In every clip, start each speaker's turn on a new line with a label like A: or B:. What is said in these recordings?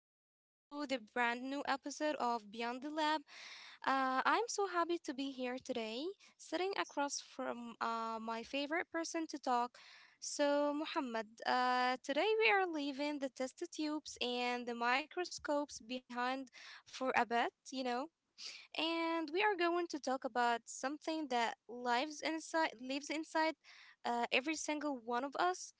A: Welcome to the brand new episode of Beyond the Lab. I'm so happy to be here today, sitting across from my favorite person to talk. So, Muhammad, today we are leaving the test tubes and the microscopes behind for a bit, you know, and we are going to talk about something that lives inside every single one of us.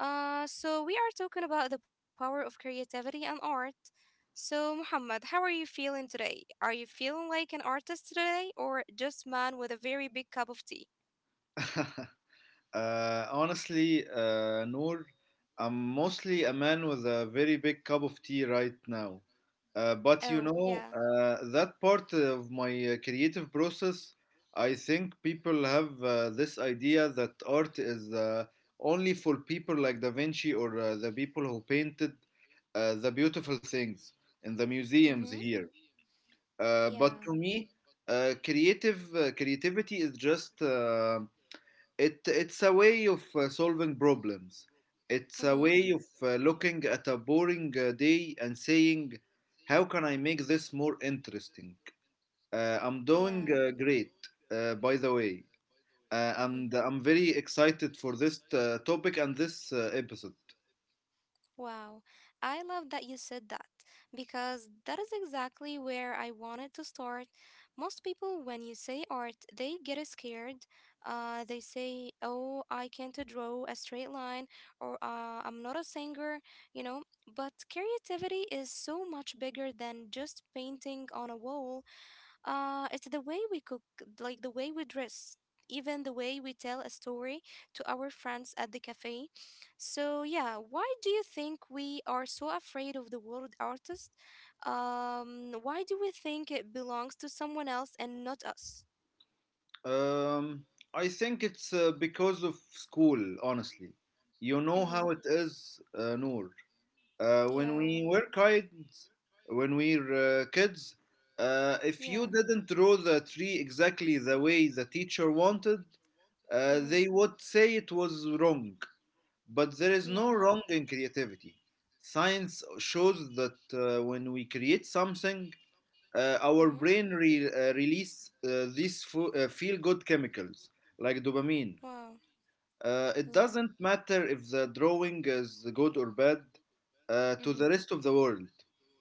A: So, we are talking about the power of creativity and art. So, Muhammad, how are you feeling today? Are you feeling like an artist today or just man with a very big cup of tea?
B: honestly, Noor, I'm mostly a man with a very big cup of tea right now. But you
A: Oh,
B: know,
A: yeah.
B: that part of my creative process, I think people have this idea that art is only for people like Da Vinci or the people who painted the beautiful things in the museums
A: Mhm.
B: here. But
A: Yeah.
B: to me, creative creativity is just. It it's a way of solving problems. It's a
A: Mhm.
B: way of looking at a boring day and saying, "How can I make this more interesting?" I'm
A: Yeah.
B: doing great, by the way, uh,
A: Mhm.
B: and I'm very excited for this topic and this episode.
A: Wow, I love that you said that because that is exactly where I wanted to start. Most people, when you say art, they get scared. They say, "Oh, I can't draw a straight line," or "I'm not a singer," you know. But creativity is so much bigger than just painting on a wall. It's the way we cook, like the way we dress, even the way we tell a story to our friends at the cafe. So, yeah, why do you think we are so afraid of the word artist? Why do we think it belongs to someone else and not us?
B: Um, I think it's because of school, honestly. You know how
A: Mm-hmm.
B: it is, Noor. Uh, when we
A: Yeah,
B: were kids, when we were kids,
A: yeah,
B: if you didn't draw the tree exactly the way the teacher wanted,
A: mm-hmm.
B: they would say it was wrong. But there is no
A: Yeah,
B: wrong in creativity. Science shows that when we create something, uh, our
A: mm-hmm.
B: brain re- uh, release these feel good chemicals like dopamine.
A: Wow,
B: It
A: yeah,
B: doesn't matter if the drawing is good or bad to
A: mm-hmm.
B: the rest of the world.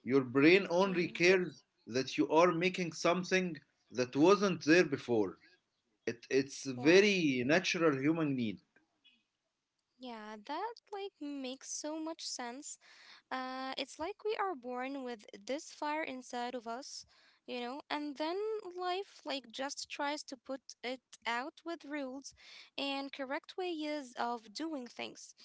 B: Your brain only
A: Yeah,
B: cares that you are making something that wasn't there before. It's a
A: wow.
B: very natural human need.
A: Yeah, that like makes so much sense. It's like we are born with this fire inside of us, you know, and then life like just tries to put it out with rules and correct ways of doing things.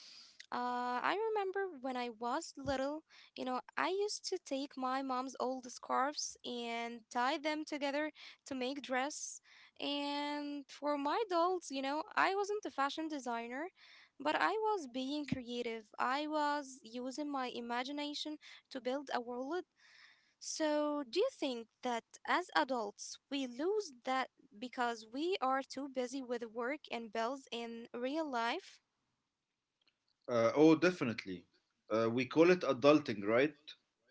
A: I remember when I was little, you know, I used to take my mom's old scarves and tie them together to make dress. And for my dolls, you know, I wasn't a fashion designer. But I was being creative. I was using my imagination to build a world. So, do you think that as adults we lose that because we are too busy with work and bills in real life?
B: Oh, definitely. We call it adulting, right?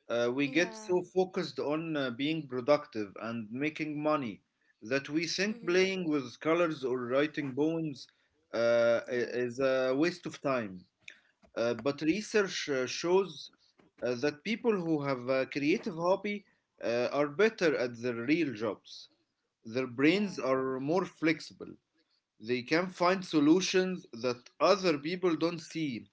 B: We get
A: Yeah.
B: so focused on being productive and making money that we think
A: Mhm.
B: playing with colors or writing poems
A: Yeah.
B: is a waste of time. But research shows that people who have a creative hobby are better at their real jobs. Their brains
A: Yeah.
B: are more flexible. They can find solutions that other people don't see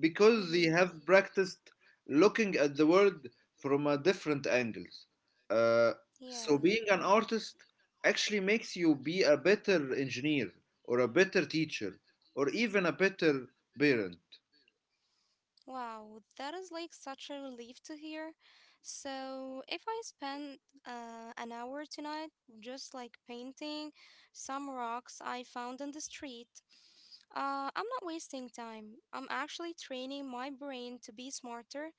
B: because they
A: Mhm.
B: have practiced looking at the world from a different angles. Uh,
A: Yeah.
B: so being an artist actually makes you be a better engineer or a better teacher or even a better parent.
A: Wow, that is like such a relief to hear. So, if I spend an hour tonight just like painting some rocks I found in the street, I'm not wasting time. I'm actually training my brain to be smarter.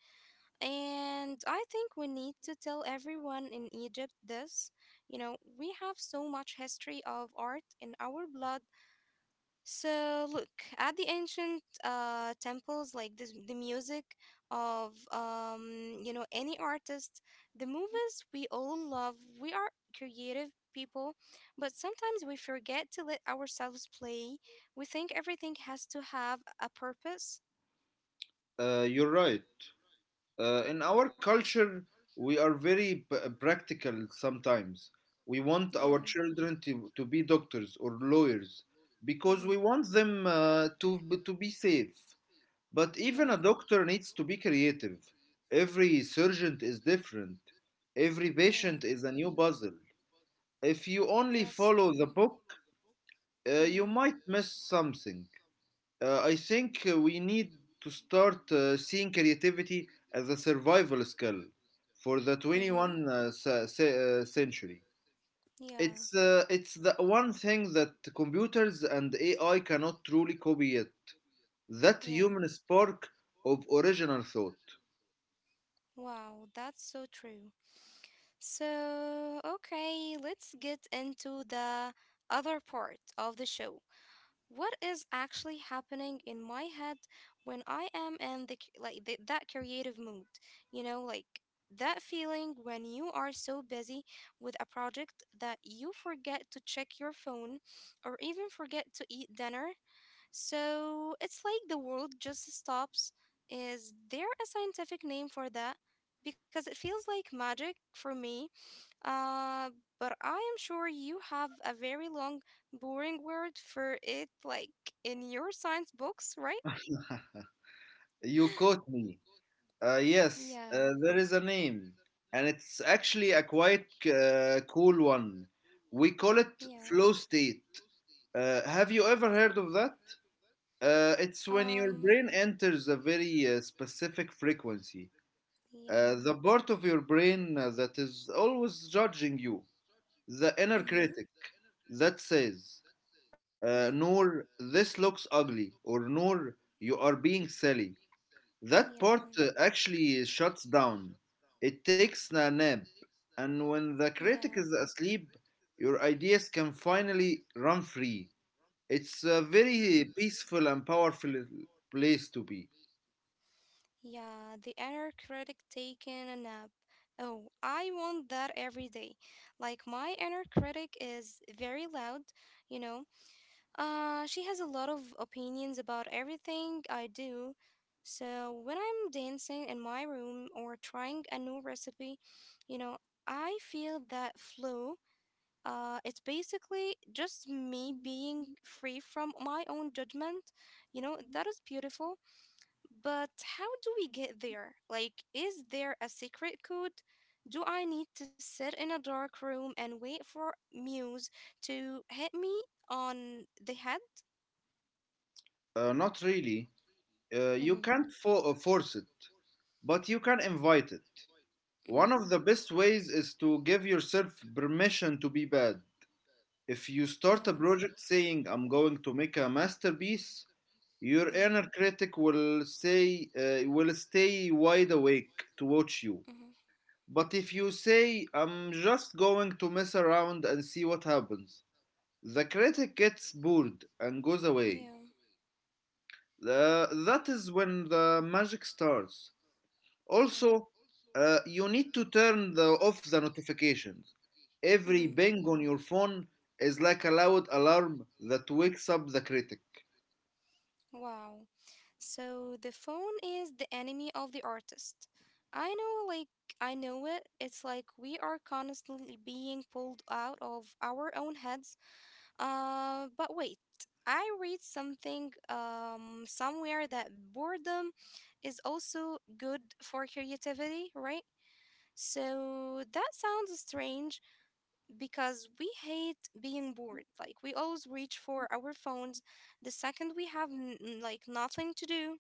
A: And I think we need to tell everyone in Egypt this. You know, we have so much history of art in our blood so look at the ancient temples, like this, the music of any artist, the movies we all love. We are creative people, but sometimes we forget to let ourselves play. We think everything has to have a purpose.
B: You're right. In our culture, we are very practical sometimes. We want
A: Yeah.
B: our children to be doctors or lawyers because
A: Mm-hmm.
B: we want them to be safe. But even a
A: Yeah.
B: doctor needs to be creative. Every surgeon is different, every
A: Yeah.
B: patient is a new puzzle. If you only
A: That's
B: follow the
A: true.
B: book, you might
A: Mm-hmm.
B: miss something. I think we need to start seeing creativity as a survival skill for the
A: Mm-hmm.
B: 21st century.
A: Yeah.
B: It's the one thing that computers and AI cannot truly copy yet. That
A: Yeah.
B: human spark of original thought.
A: Wow, that's so true. So, okay, let's get into the other part of the show. What is actually happening in my head when I am in the c- like the, that creative mood? You know, like that feeling when you are so busy with a project that you forget to check your phone or even forget to eat dinner so it's like the world just stops. Is there a scientific name for that? Because it feels like magic for me. Uh, but I am sure you have a very long, boring word for it, like in your science books, right?
B: You caught me. Uh, yes,
A: Yeah,
B: uh, there is a name, and it's actually a quite cool one. We call it
A: yeah.
B: flow state. Have you ever heard of that? It's when your brain
A: Um,
B: enters a very specific frequency. The
A: yeah.
B: part of your brain that is always judging you, the inner
A: Mm-hmm.
B: critic that says,
A: Mm-hmm.
B: Noor, this looks ugly, or Noor, you are being silly. That part
A: Yeah,
B: actually shuts down. It takes a nap. And when the
A: yeah,
B: critic is asleep, your ideas can finally run free. It's a
A: yeah.
B: very peaceful and powerful place to be.
A: Yeah, the inner critic taking a nap. Oh, I want that every day. Like my inner critic is very loud, you know. She has a lot of opinions about everything I do. So when I'm dancing in my room or trying a new recipe, you know, I feel that flow. It's basically just me being free from my own judgment. You know, that is beautiful but how do we get there? Like, is there a secret code? Do I need to sit in a dark room and wait for Muse to hit me on the head?
B: Not really. Uh, you
A: Mm-hmm.
B: can't fo- uh, force it, but you can invite it. One
A: Mm-hmm.
B: of the best ways is to give yourself permission to be bad. If you start a
A: Yeah.
B: project saying, I'm going to make a masterpiece, your inner
A: Mm-hmm.
B: critic will stay wide awake to watch you.
A: Mm-hmm.
B: But if you say, I'm just going to mess around and see what happens, the critic gets bored and goes away.
A: Yeah.
B: That is when the magic starts.
A: Yeah.
B: Also, you need to turn off the notifications.
A: Mm-hmm.
B: Every bang on your phone is like a loud alarm that wakes up the critic.
A: Wow. So the phone is the enemy of the artist. I know, like, I know it. It's like we are constantly being pulled out of our own heads. But wait, I read something somewhere that boredom is also good for creativity, right? So that sounds strange because we hate being bored. Like we always reach for our phones the second we have like nothing to do.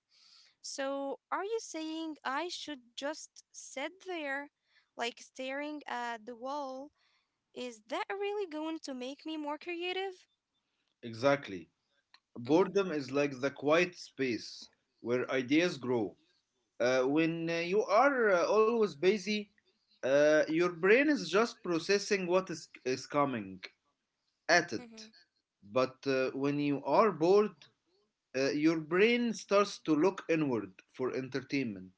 A: So are you saying I should just sit there like staring at the wall? Is that really going to make me more creative?
B: Exactly.
A: Mm-hmm,
B: Boredom is like the quiet space where ideas grow. When you are always busy, your brain is just processing what is coming at it.
A: mm-hmm.
B: But when you are bored, your brain starts to look inward for entertainment.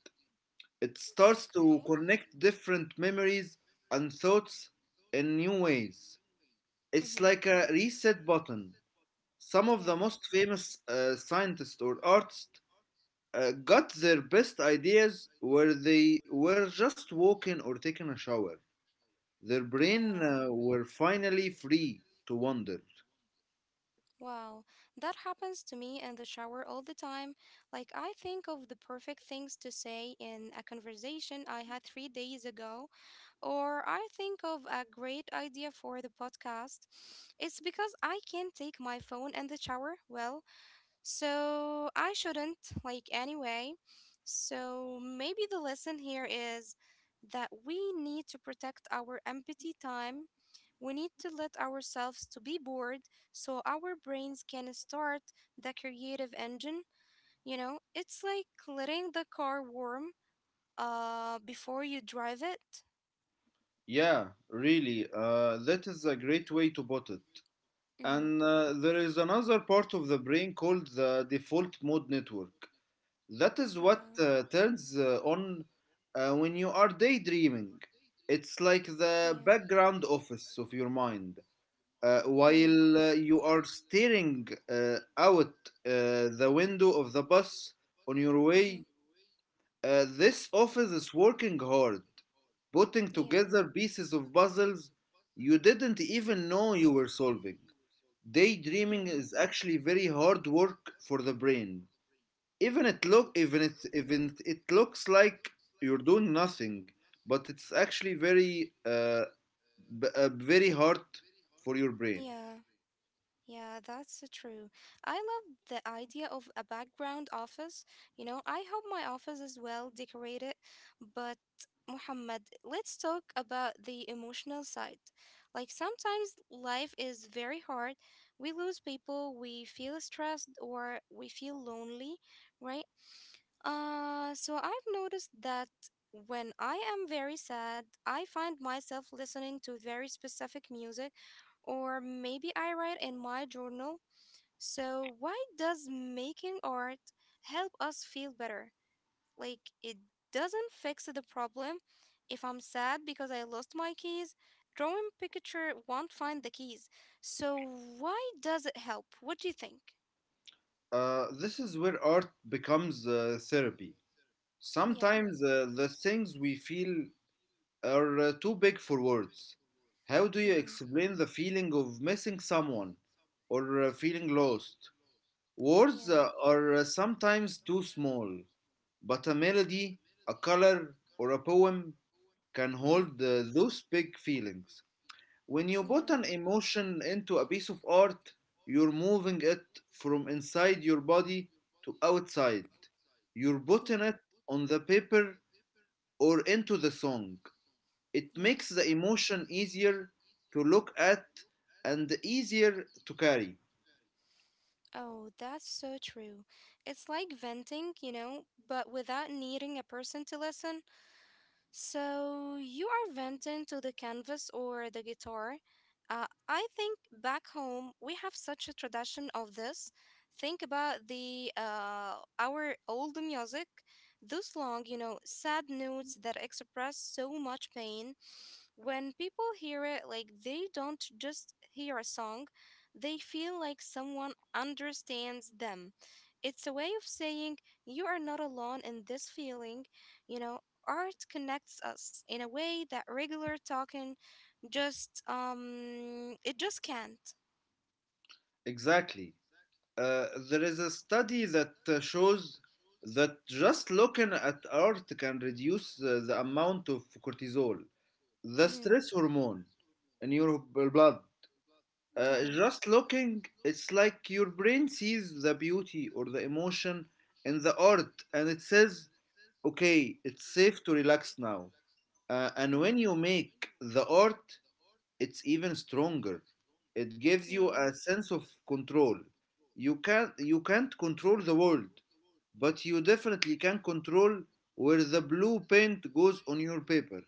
B: It starts to
A: Okay.
B: connect different memories and thoughts in new ways. It's
A: Mm-hmm.
B: like a reset button. Some of the
A: Yeah.
B: most famous scientists or artists got their best ideas where they were just walking or taking a shower. Their brain
A: Yeah.
B: uh, were finally free to wander.
A: Wow. That happens to me in the shower all the time. Like, I think of the perfect things to say in a conversation I had 3 days ago, or I think of a great idea for the podcast. It's because I can't take my phone in the shower. Well, so I shouldn't, like, anyway. So maybe the lesson here is that we need to protect our empathy time. We need to let ourselves to be bored so our brains can start the creative engine, you know? It's like letting the car warm before you drive it.
B: Yeah, really. That is a great way to put it.
A: Mm-hmm.
B: And there is another part of the brain called the default mode network. That is what
A: Yeah.
B: turns on when you are daydreaming. It's like
A: Yeah.
B: the background office of your mind. Uh,
A: Mm-hmm.
B: while uh, you are staring out the window of the bus on your
A: Mm-hmm.
B: way, this office is working hard, putting
A: Yeah.
B: together pieces of puzzles you didn't even know you were solving. Daydreaming
A: Yeah.
B: is actually very hard work for the brain. Even it looks like you're doing nothing, but it's actually very hard for your brain.
A: Yeah. Yeah, that's true. I love the idea of a background office. You know, I hope my office is well decorated. But, Muhammad, let's talk about the emotional side. Like, sometimes life is very hard. We lose people, we feel stressed, or we feel lonely, right? So I've noticed that when I am very sad, I find myself listening to very specific music, or maybe I write in my journal. So, why does making art help us feel better? Like, it doesn't fix the problem. If I'm sad because I lost my keys, drawing picture won't find the keys. So, why does it help? What do you think?
B: This is where art becomes therapy.
A: Yeah.
B: Sometimes the things we feel are too big for words. How do you
A: Mm-hmm.
B: explain the feeling of missing someone or feeling lost? Words
A: Yeah.
B: uh, are uh, sometimes too small, but a melody, a color, or a poem can
A: Mm,
B: hold those big feelings. When you
A: yeah,
B: put an emotion into a piece of art, you're moving it from inside your body to outside. You're putting
A: yeah,
B: it on the paper or into the song. It
A: yeah.
B: makes the emotion easier to look at and easier to carry.
A: Oh, that's so true. It's like venting, you know, but without needing a person to listen. So you are venting to the canvas or the guitar. I think back home we have such a tradition of this. Think about the our old music, those long, sad notes that express so much pain. When people hear it, like they don't just hear a song, they feel like someone understands them. It's a way of saying you are not alone in this feeling. You know, art connects us in a way that regular talking just it just can't.
B: Exactly. There is a study that shows that just looking at art can reduce the amount of cortisol, the
A: Mhm.
B: stress hormone in your blood.
A: Yeah.
B: Just looking, it's like your brain sees the beauty or the emotion in the art and it says, okay, it's safe to relax now. And when
A: Mhm.
B: you make the art, it's even stronger. It gives you
A: Yeah.
B: a sense of control. You can't control the world, but you definitely can control where the blue paint goes on your paper.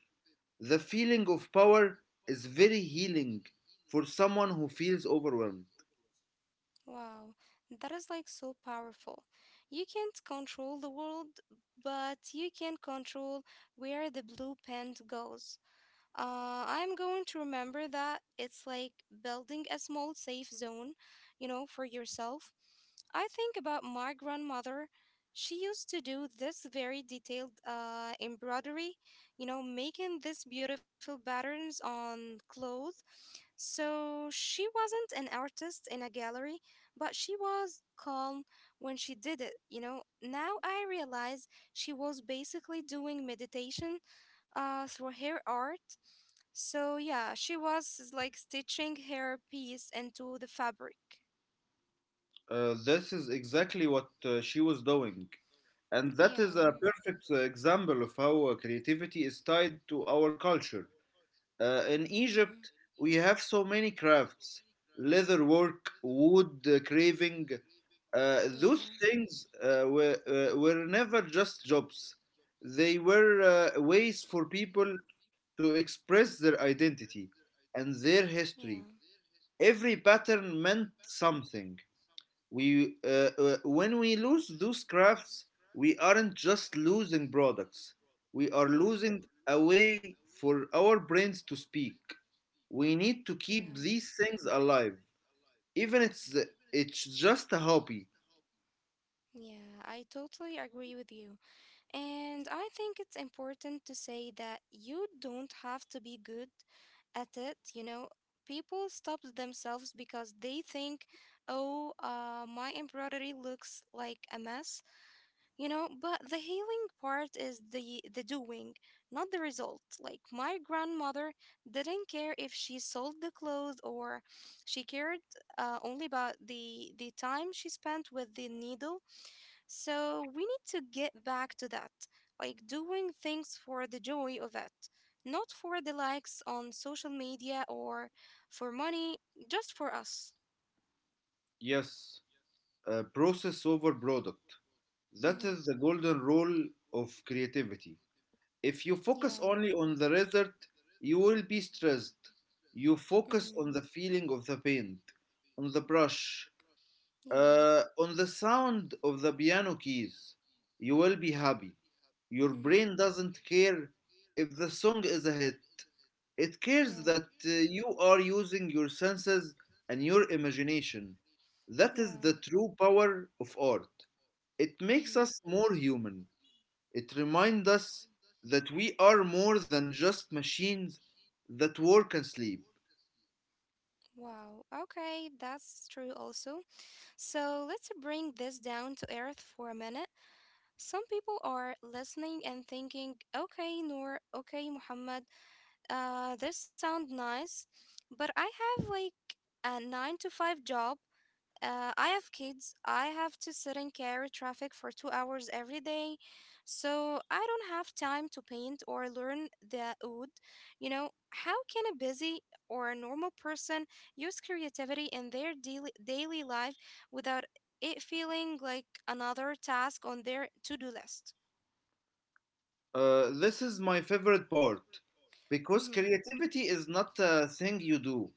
B: The feeling of power is very healing for someone who feels overwhelmed.
A: Wow, that is like so powerful. You can't control the world, but you can control where the blue pen goes. I'm going to remember that it's like building a small safe zone, you know, for yourself. I think about my grandmother. She used to do this very detailed embroidery, you know, making these beautiful patterns on clothes. So she wasn't an artist in a gallery, but she was calm when she did it, you know. Now I realize she was basically doing meditation through her art. So yeah, she was like stitching her piece into the fabric.
B: This is exactly what she was doing. And that
A: Yeah.
B: is a perfect example of how creativity is tied to our culture. In
A: Mm-hmm.
B: Egypt, we have so many crafts, leather work, wood carving. Uh, those
A: Yeah.
B: things uh, were, uh, were never just jobs, they were ways for people to express their identity and their
A: Yeah.
B: history. Every pattern meant something. When we lose those crafts, we aren't just losing products, we are
A: Yeah.
B: losing a way for our brains to speak. We need to
A: Yeah.
B: keep these things alive, even it's just a hobby.
A: Yeah, I totally agree with you. And I think it's important to say that you don't have to be good at it. You know, people stop themselves because they think, oh, my embroidery looks like a mess. But the healing part is the doing, not the result. Like my grandmother didn't care if she sold the clothes, or she cared only about the time she spent with the needle. So we need to get back to that, like doing things for the joy of it, not for the likes on social media or for money, just for us.
B: Yes, a process over product, that
A: Mm-hmm.
B: is the golden rule of creativity. If you focus
A: Yeah.
B: only on the result you will be stressed. You focus
A: Mm-hmm.
B: on the feeling of the paint on the brush,
A: Yeah.
B: on the sound of the piano keys, you will be happy. Your brain
A: Mm-hmm.
B: doesn't care if the song is a hit. It cares
A: Yeah.
B: that you are using your senses and your imagination. That is
A: Yeah.
B: the true power of art. It makes
A: Mm-hmm.
B: us more human. It reminds us that we are more than just machines that work and sleep.
A: Wow, okay, that's true also. So let's bring this down to earth for a minute. Some people are listening and thinking, okay, Noor, okay, Muhammad, this sounds nice, but I have like a nine to five job. I have kids. I have to sit and carry traffic for 2 hours every day, so I don't have time to paint or learn the oud. You know, how can a busy or a normal person use creativity in their daily life without it feeling like another task on their to do list?
B: This is my favorite part because
A: Mm-hmm.
B: creativity is not a thing you do,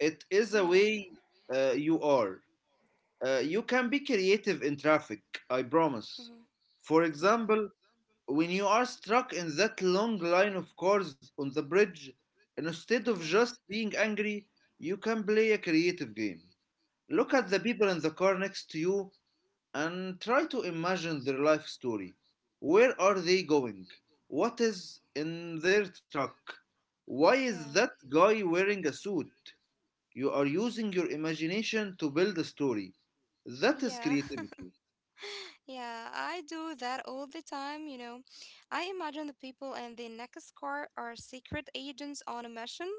B: it is a
A: Yeah.
B: way you are. You can be creative in traffic, I promise.
A: Mm-hmm.
B: For
A: Yeah.
B: example, when you are struck in that long line of cars on the bridge, instead of
A: Yeah.
B: just being angry, you can play a creative game. Look at the
A: Mm-hmm.
B: people in the car next to you and try to imagine their life story. Where are they going? What is in their truck? Why is
A: Yeah.
B: that guy wearing a suit? You are using your imagination to build a story. That is
A: Yeah.
B: creativity.
A: Yeah, I do that all the time, you know. I imagine the people in the Nexus are secret agents on a mission.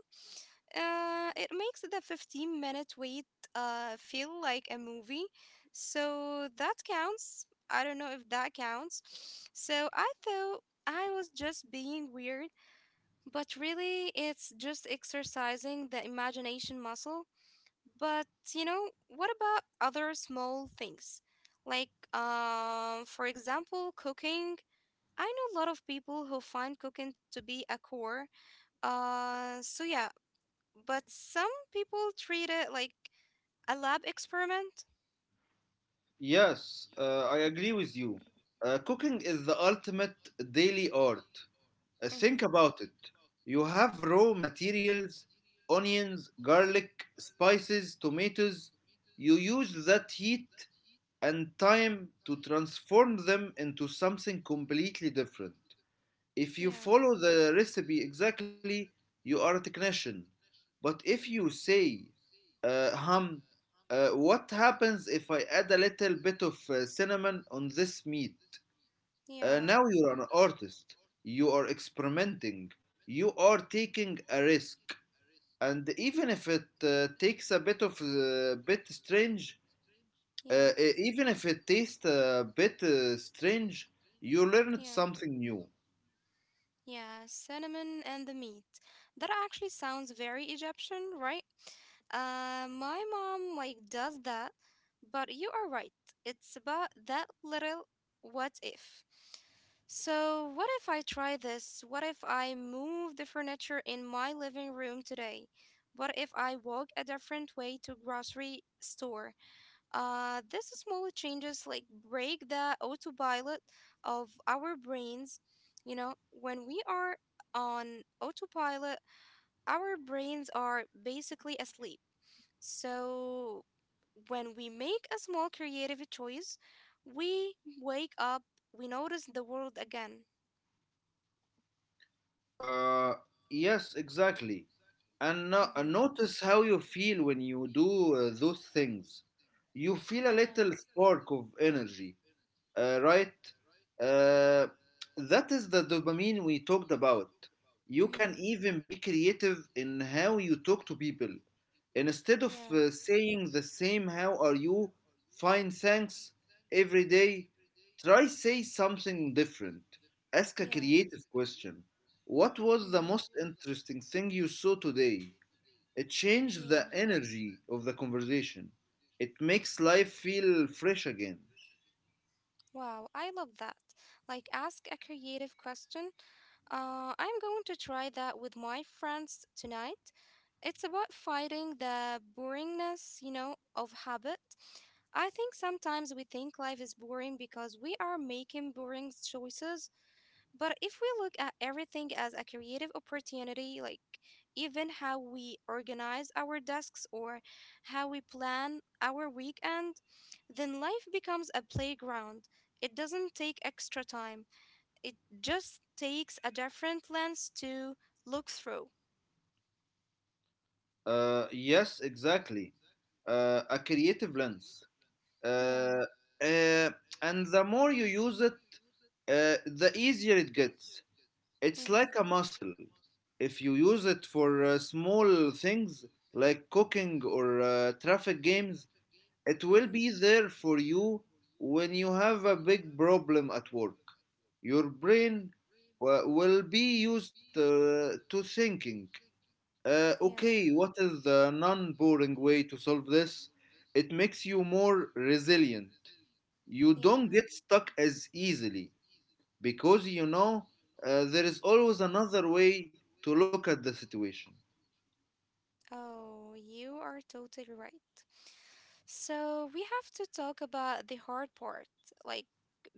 A: It makes the 15-minute wait feel like a movie. So that counts. I don't know if that counts. So I thought I was just being weird, but really it's just exercising the imagination muscle. But you know, what about other small things? Like, for example, cooking. I know a lot of people who find cooking to be a chore. So but some people treat it like a lab experiment.
B: Yes, I agree with you. Cooking is the ultimate daily art.
A: Mm-hmm.
B: Think about it. You have raw materials, onions, garlic, spices, tomatoes. You use that heat and time to transform them into something completely different. If you
A: Yeah,
B: follow the recipe exactly, you are a technician. But if you say, hum. What happens if I add a little bit of cinnamon on this meat?
A: yeah,
B: Now you're an artist. You are experimenting. You are taking a risk. And even if it takes a bit of bit strange,
A: yeah,
B: Even if it tastes a bit strange, you learned
A: yeah.
B: something new.
A: Yeah, cinnamon and the meat. That actually sounds very Egyptian, right? My mom like does that, but you are right. It's about that little what if. So, what if I try this? What if I move the furniture in my living room today? What if I walk a different way to grocery store? These small changes like break the autopilot of our brains. You know, when we are on autopilot, our brains are basically asleep. So when we make a small creative choice, we wake up, we notice the world again.
B: Uh, yes, exactly. And
A: Mm-hmm.
B: notice how you feel when you do those things. You feel a
A: Yeah.
B: little spark of energy, right? Uh, that is the dopamine we talked about. You can
A: Mm-hmm.
B: even be creative in how you talk to people. Instead of
A: Yeah.
B: saying the same "How are you?" "Fine, thanks" every day, try say something different. Ask a
A: Yeah.
B: creative question. What was the most
A: Mm-hmm.
B: interesting thing you saw today? It changed
A: Yeah.
B: the energy of the conversation. It makes life feel fresh again.
A: Wow, I love that. Like, ask a creative question. I'm going to try that with my friends tonight. It's about fighting the boringness, you know, of habit. I think sometimes we think life is boring because we are making boring choices, but if we look at everything as a creative opportunity, like even how we organize our desks or how we plan our weekend, then life becomes a playground. It doesn't take extra time. It just takes a different lens to look through.
B: Yes, exactly. A creative lens.
A: Yeah.
B: Uh, uh, and the more you use it, the easier it gets. It's like a
A: Mm-hmm.
B: muscle. If you use it for small things like cooking or traffic games, it will be
A: Mm-hmm.
B: there for you when you have a big problem at work. Your brain will be used to thinking.
A: Yeah.
B: Okay, what is the non boring way to solve this? It makes you more resilient. You don't
A: Yeah.
B: get stuck as easily because you know there is always another way to look at the situation.
A: Oh, you are totally right. So we have to talk about the hard part, like,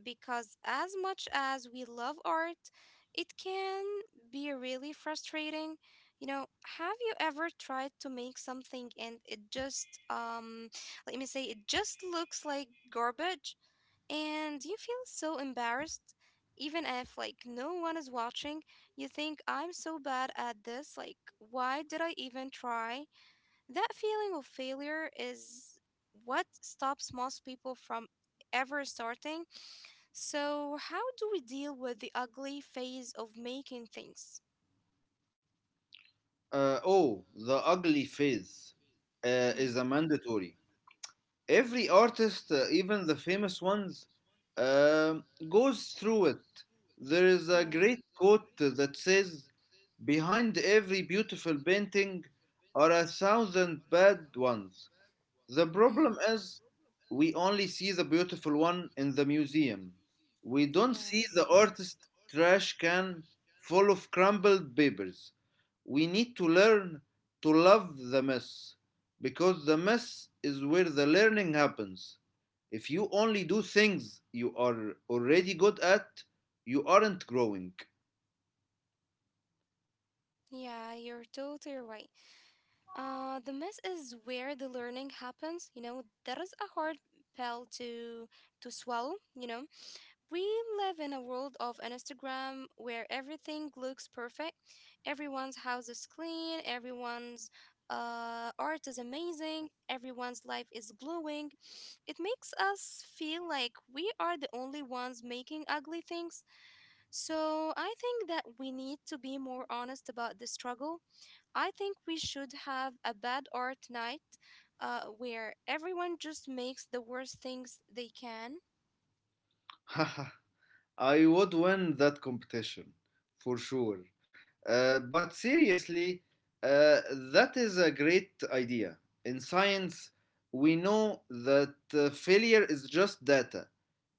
A: because as much as we love art, it can be really frustrating. You know, have you ever tried to make something and it just, let me say, it just looks like garbage and you feel so embarrassed? Even if, like, no one is watching, you think, I'm so bad at this, like, why did I even try? That feeling of failure is what stops most people from ever starting. So, how do we deal with the ugly phase of making things?
B: Oh, the ugly phase uh,
A: Mm-hmm.
B: is a mandatory. Every artist, even the famous ones, um, goes through it. There is a
A: Yeah.
B: great quote that says, behind every beautiful painting are a thousand bad ones. The
A: Mm-hmm.
B: problem is we only see the beautiful one in the museum. We don't see the
A: Yeah.
B: artist trash can full of crumpled papers. We need to learn to love the mess because the mess is where the learning happens. If you only do things you are already good at, you aren't growing.
A: Yeah, you're totally right. The mess is where the learning happens. You know, that is a hard pill to swallow. You know. We live in a world of Instagram where everything looks perfect. Everyone's house is clean, everyone's art is amazing, everyone's life is glowing. It makes us feel like we are the only ones making ugly things. So I think that we need to be more honest about the struggle. I think we should have a bad art night where everyone just makes the worst things they can.
B: I would win that competition for sure. But seriously, uh, that is a great idea. In science, we know that failure is just data.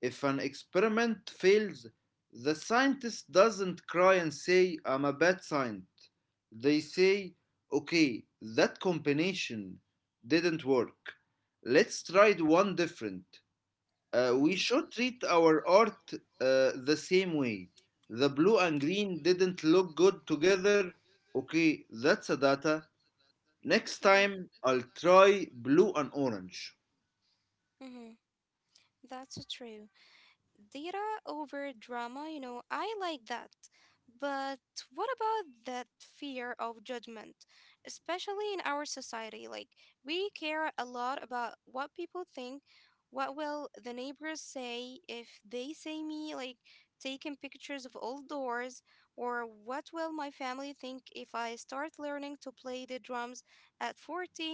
B: If an experiment fails, the scientist doesn't cry and say, I'm a bad scientist. They say, okay, that combination didn't work. Let's try the one different. We
A: Hmm.
B: should treat our art the same way. The blue and green didn't look good together. Okay, that's a data. Next
A: Hmm.
B: time, I'll try blue and orange.
A: Hmm. That's true. Data over drama, you know, I like that. But what about that fear of judgment, especially in our society? Like, we care a lot about what people think. What will the neighbors say if they see me, like, taking pictures of old doors? Or what will my family think if I start learning to play the drums at 40?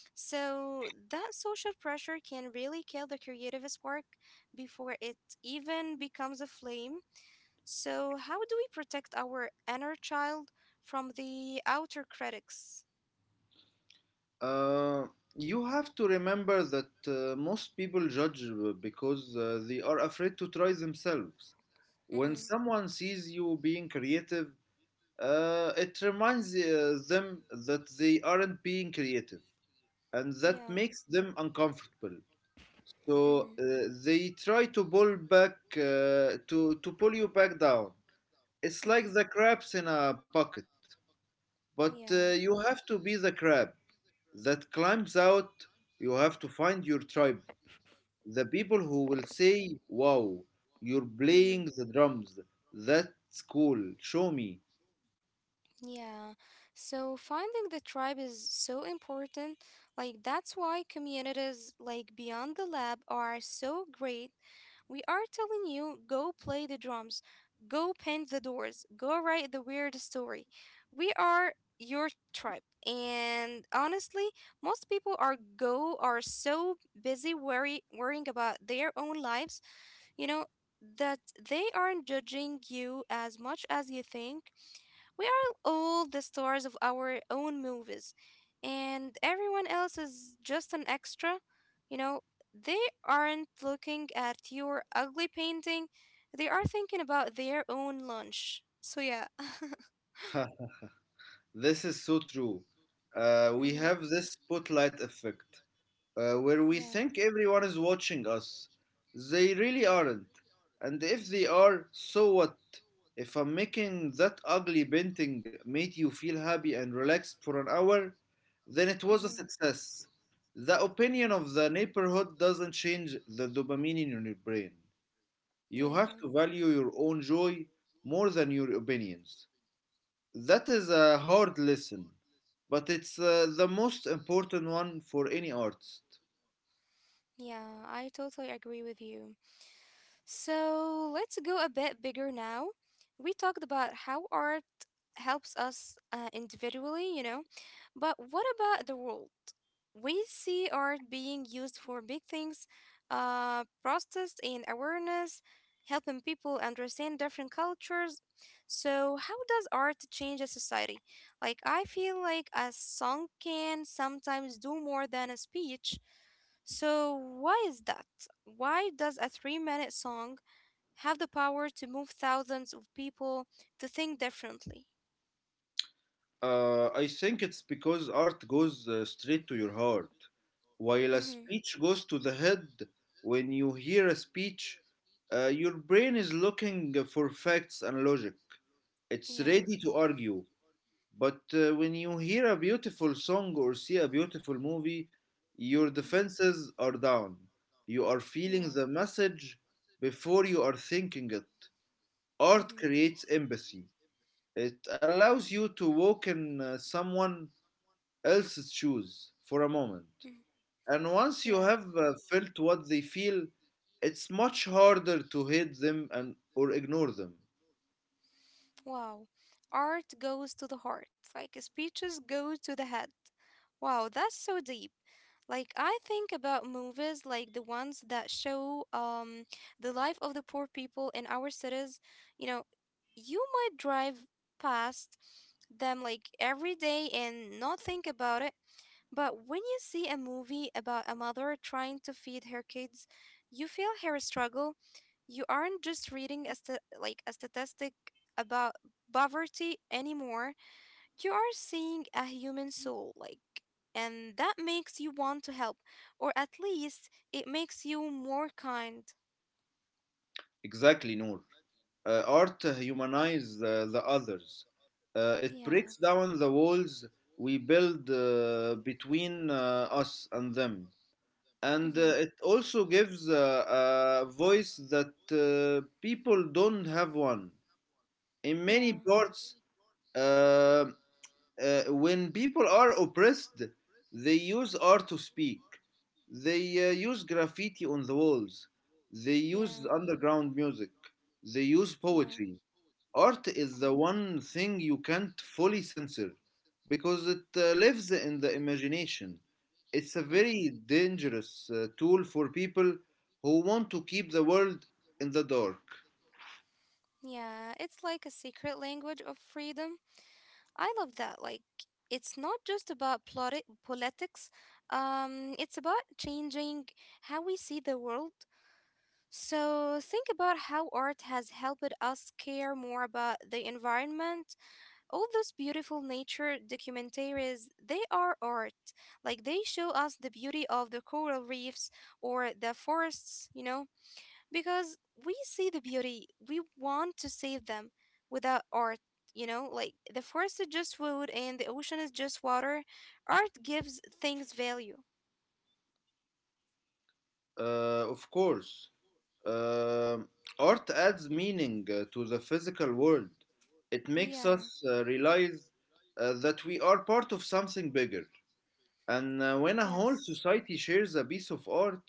A: So, that social pressure can really kill the creative spark before it even becomes a flame. So, how do we protect our inner child from the outer critics?
B: Uh, you have to remember that most people judge because they are afraid to try themselves. When
A: Mm-hmm.
B: someone sees you being creative, it reminds them that they aren't being creative, and that
A: Yeah.
B: makes them uncomfortable. So
A: Mm-hmm.
B: they try to pull back to pull you back down. It's like
A: Mm-hmm.
B: the crabs in a bucket, but
A: Yeah.
B: you have to be the crab that climbs out. You have to find your tribe, the people who will say, "Wow, you're
A: Mm-hmm.
B: playing the drums. That's cool. Show me."
A: Yeah. So finding the tribe is so important. Like that's why communities like Beyond the Lab are so great. We are telling you go play the drums, go paint the doors, go write the weird story. We are your tribe. And honestly, most people are go are so busy worrying about their own lives, you know, that they aren't judging you as much as you think. We are all the stars of our own movies, and everyone else is just an extra. You know, they aren't looking at your ugly painting, they are thinking about their own lunch. So, yeah.
B: This is so true. We
A: Hmm.
B: have this spotlight effect, where we
A: Yeah.
B: think everyone is watching us. They really aren't. And if they are, so what? If I'm making that ugly painting made you feel happy and relaxed for an hour, then it
A: Hmm.
B: was a success. The opinion of the neighborhood doesn't change the dopamine in your brain. You have
A: Yeah.
B: to value your own joy more than your opinions. That is a hard lesson, but it's the most important one for any artist.
A: Yeah, I totally agree with you. So let's go a bit bigger now. We talked about how art helps us individually, you know, but what about the world? We see art being used for big things, protest and awareness, helping people understand different cultures. So, how does art change a society? Like, I feel like a song can sometimes do more than a speech. So, why is that? Why does a 3 minute song have the power to move thousands of people to think differently.
B: I think it's because art goes straight to your heart, while a
A: Mm-hmm.
B: speech goes to the head. When you hear a speech, your brain is looking for facts and logic. It's
A: Yeah.
B: ready to argue. But when you hear a beautiful song or see a beautiful movie, your
A: Mm-hmm.
B: defenses are down. You are feeling
A: Yeah.
B: the message before you are thinking it. Art
A: Mm-hmm.
B: creates empathy. It allows you to walk in someone else's shoes for a moment. And once you
A: Yeah.
B: have felt what they feel, it's much harder to hate them and or ignore them.
A: Wow. Art goes to the heart, like speeches go to the head. Wow, that's so deep. Like I think about movies like the ones that show the life of the poor people in our cities. You know, you might drive past them like every day and not think about it. But when you see a movie about a mother trying to feed her kids, you feel her struggle. You aren't just reading a like a statistic about poverty anymore. You are seeing a human soul, like, and that makes you want to help, or at least it makes you more kind.
B: Exactly, Noor. Art humanizes the others. It
A: Yeah.
B: breaks down the walls we build between us and them. And
A: Mm-hmm.
B: it also gives a voice that people don't have one. In many
A: Yeah.
B: parts, uh, when people are oppressed, they use art to speak. They use graffiti on the walls. They use
A: Yeah.
B: underground music. They use
A: Yeah.
B: poetry. Art is the one
A: Mm-hmm.
B: thing you can't fully censor because it lives in the imagination. It's a
A: Mm-hmm.
B: very dangerous tool for people who want to keep the world in the dark.
A: Yeah, it's like a secret language of freedom. I love that. Like, it's not just about politics, it's about changing how we see the world. So, think about how art has helped us care more about the environment. All those beautiful nature documentaries, they are art. Like, they show us the beauty of the coral reefs or the forests, you know? Because we see the beauty we want to save them. Without art, you know, like the forest is just wood and the ocean is just water. Art gives things value.
B: Of course. Um Art adds meaning to the physical world. It makes us
A: Yeah.
B: realize that we are part of something bigger. And when a whole
A: Yes.
B: society shares a piece of art,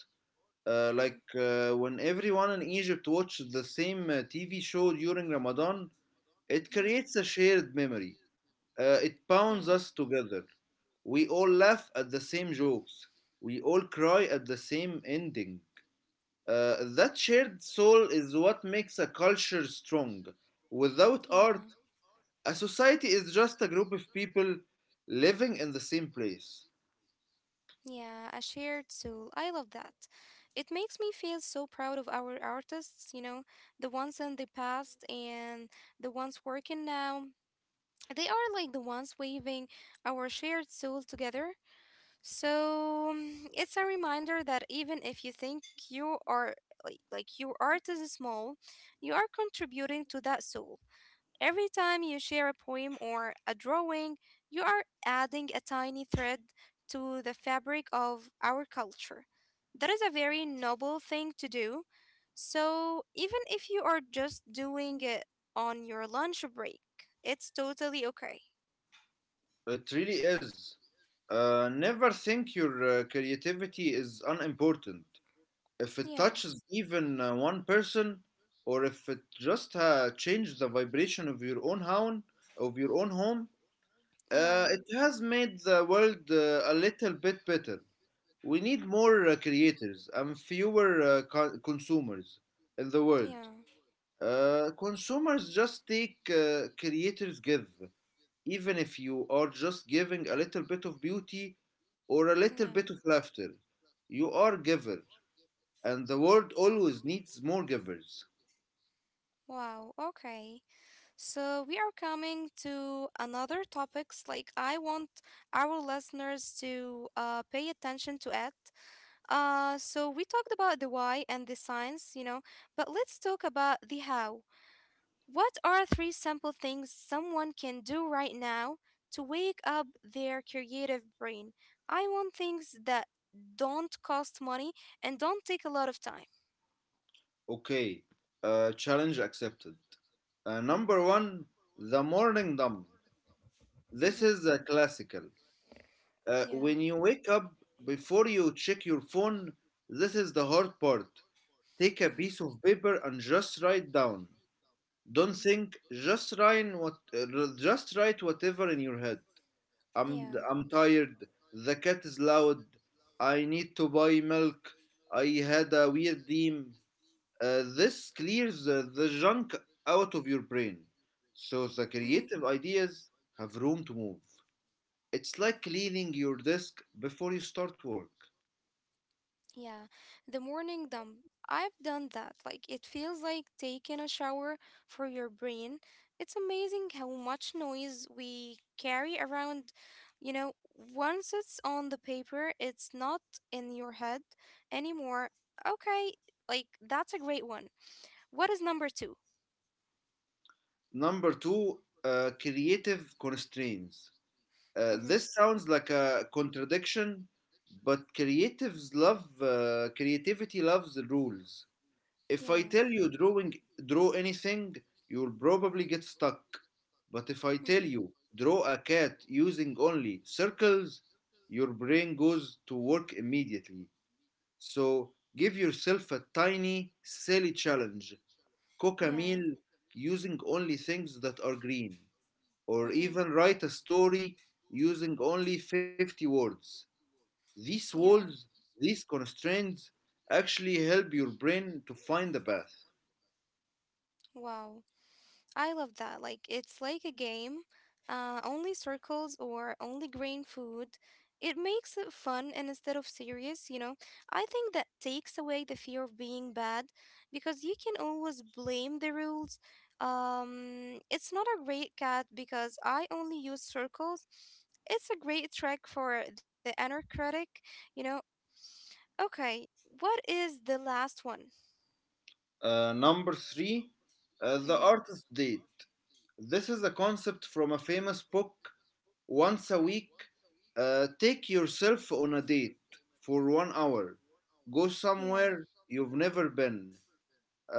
B: uh, like
A: Hmm.
B: uh, when everyone in Egypt watches the same TV show during Ramadan, it
A: Hmm.
B: creates a shared memory. It bounds
A: Yeah.
B: us together. We all laugh at the same jokes. We all cry at the same ending. That shared soul is what makes a culture strong. Without art,
A: Yeah.
B: a society is just a group of people living in the same place.
A: Yeah, a shared soul, I love that. It makes me feel so proud of our artists, you know, the ones in the past and the ones working now. They are like the ones weaving our shared soul together. So it's a reminder that even if you think you are like your art is small, you are contributing to that soul. Every time you share a poem or a drawing, you are adding a tiny thread to the fabric of our culture. That is a very noble thing to do. So even if you are just doing it on your lunch break, it's totally okay.
B: It really is. Never think your creativity is unimportant. If it
A: Yeah,
B: touches even one person, or if it just changed the vibration of your own home, of your own home,
A: yeah,
B: it has made the world a little bit better. We need more creators and fewer consumers in the world.
A: yeah,
B: Consumers just take, creators give. Even if you are just giving a little bit of beauty or a little
A: yeah.
B: bit of laughter, you are giver, and the world always needs more givers.
A: Wow, okay. So we are coming to another topics like I want our listeners to pay attention to it. So we talked about the why and the science, you know, but let's talk about the how. What are three simple things someone can do right now to wake up their creative brain? I want things that don't cost money and don't take a lot of time.
B: Okay, challenge accepted. Number one, the morning dump. This
A: Mm-hmm.
B: is a classical.
A: Yeah.
B: When you wake up, before you check your phone, this is the hard part. Take a
A: Mhm.
B: piece of paper and just write down. Don't
A: Mhm.
B: think, just write whatever in your head. I'm,
A: Yeah.
B: I'm tired. The cat is loud. I need to buy milk. I had a weird dream. This clears the junk out of your brain, so the
A: Mhm.
B: creative ideas have room to move. It's like cleaning your desk before you start work.
A: Yeah. The morning dump. I've done that. Like it feels like taking a shower for your brain. It's amazing how much noise we carry around. You know, once it's on the paper, it's not in your head anymore. Okay, like that's a great one. What is number 2?
B: Number two, creative constraints.
A: Mhm.
B: This sounds like a contradiction, but creatives love creativity loves the rules. If I
A: Yeah.
B: tell you draw anything, you'll probably get stuck. But if I tell
A: Mhm.
B: you draw a cat using only circles, your brain goes to work immediately. So give yourself a tiny, silly challenge. Cook a
A: Yeah.
B: meal using only things that are green, or
A: Mhm.
B: even write a story using only 50 words. These
A: Yeah.
B: walls, these constraints, actually help
A: Mm.
B: your brain to find the path.
A: Wow. I love that. Like it's like a game. Only circles or only green food. It makes it fun and instead of serious, you know. I think that takes away the fear of being bad because you can always blame the rules. It's not a great cat because I only use circles. It's a great trick for the inner critic, you know. Okay, what is the last one?
B: Number three, the
A: Mm-hmm.
B: artist date. This is a concept from a famous book. Once a week, take yourself on a date for 1 hour. Go
A: Yeah.
B: somewhere you've never been,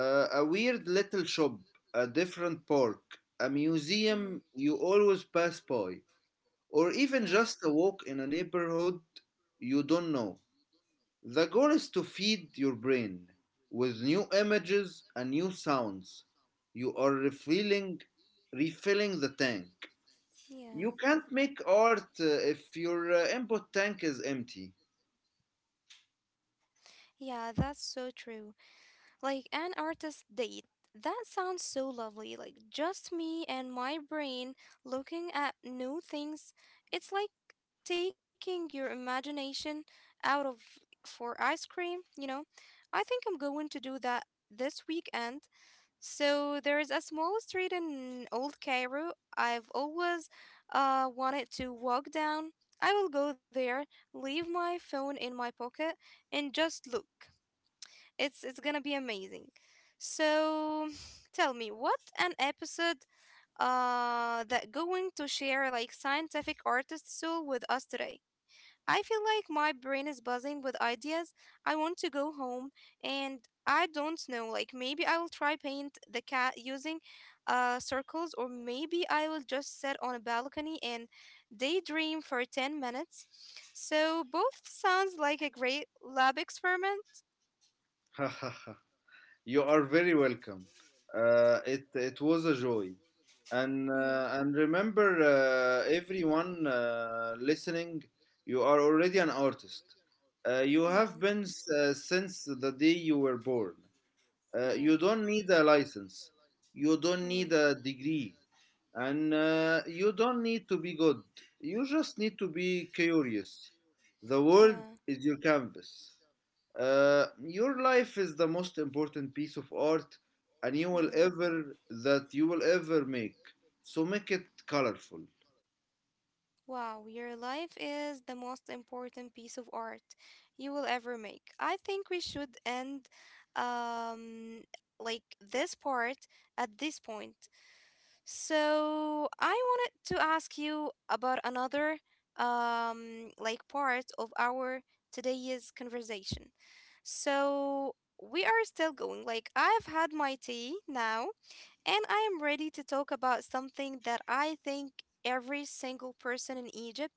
B: a weird little shop, a different park, a museum
A: Mm-hmm.
B: you always pass by, or even
A: Yeah.
B: just a walk in a neighborhood you don't know. The goal is to feed your brain with new images and new sounds. You are refilling the tank.
A: Yeah,
B: You can't make art if your input tank is empty.
A: yeah, that's so true. Like an artist date. That sounds so lovely. Like just me and my brain looking at new things. It's like taking your imagination out of for ice cream, you know? I think I'm going to do that this weekend. So there is a small street in Old Cairo I've always wanted to walk down. I will go there, leave my phone in my pocket, and just look. It's gonna be amazing. So tell me, what an episode that going to share like scientific artist soul with us today. I feel like my brain is buzzing with ideas. I want to go home and I don't know, like maybe I will try paint the cat using circles or maybe I will just sit on a balcony and daydream for 10 minutes. So both sounds like a great lab experiment.
B: You are very welcome. It was a joy, and
A: Hmm.
B: uh, and remember, everyone listening, you are already an artist. Uh, you
A: Yeah,
B: have been s- uh, since the day you were born. You
A: yeah,
B: don't need a license. You don't need
A: hmm
B: a degree, and you don't need to be good. You just need to be curious. The world
A: yeah.
B: is your canvas. Your life is the most important piece of art and you will
A: Hmm.
B: ever that you will ever make. So make it colorful.
A: Wow, your life is the most important piece of art you will ever make. I think we should end um like this part at this point. So, I wanted to ask you about another like part of our today's conversation. So, we are still going. Like I've had my tea now and I am ready to talk about something that I think every single person in Egypt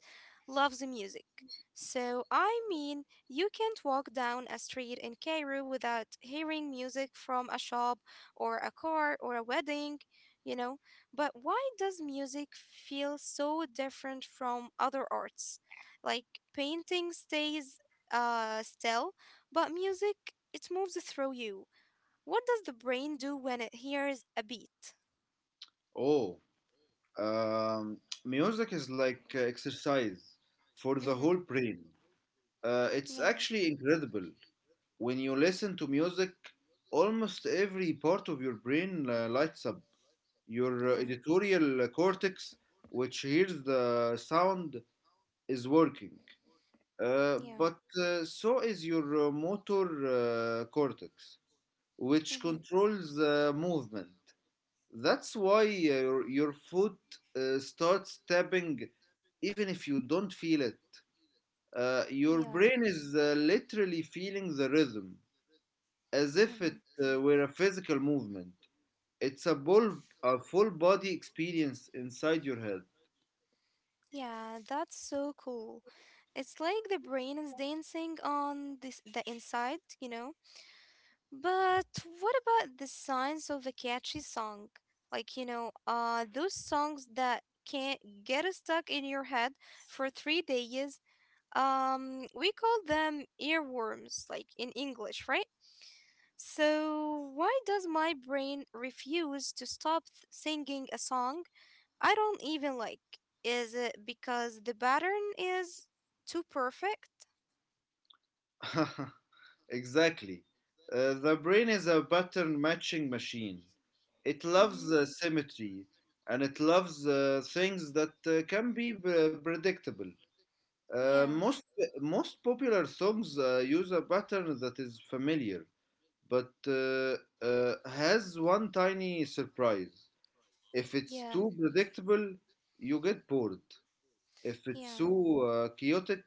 A: loves music. So, I mean, you can't walk down a street in Cairo without hearing music from a shop or a car or a wedding, you know. But why does music feel so different from other arts? Like painting stays still, but music, it moves through you. What does the brain do when it hears a beat?
B: Oh, um, music is like exercise for the
A: Mm-hmm.
B: whole brain. It's
A: Yeah,
B: actually incredible. When you listen to music, almost every part of your brain lights up. Your
A: yeah,
B: editorial cortex, which hears the sound, is working. Uh,
A: yeah.
B: but uh, so is your motor cortex, which
A: Mm-hmm.
B: controls movement. That's why your foot starts tapping even if you don't feel it. Your
A: Yeah,
B: brain is literally feeling the rhythm as if it
A: mm-hmm,
B: were a physical movement. It's a, a full body experience inside your
A: yeah. That's so cool. It's like the brain is dancing on this the inside, you know. But what about the science of a catchy song? Those songs that can get stuck in your head for 3 days. We call them earworms, like in English, right? So, why does my brain refuse to stop singing a song I don't even like? Is it because the pattern is too perfect?
B: head. Exactly. The brain is a pattern matching machine. It loves
A: Mm-hmm.
B: symmetry and it loves things that can be predictable. Uh,
A: Yeah.
B: most Most popular songs use a pattern that is familiar but has one tiny surprise. If it's
A: Yeah.
B: too predictable, you get bored. If it's
A: Yeah.
B: too chaotic,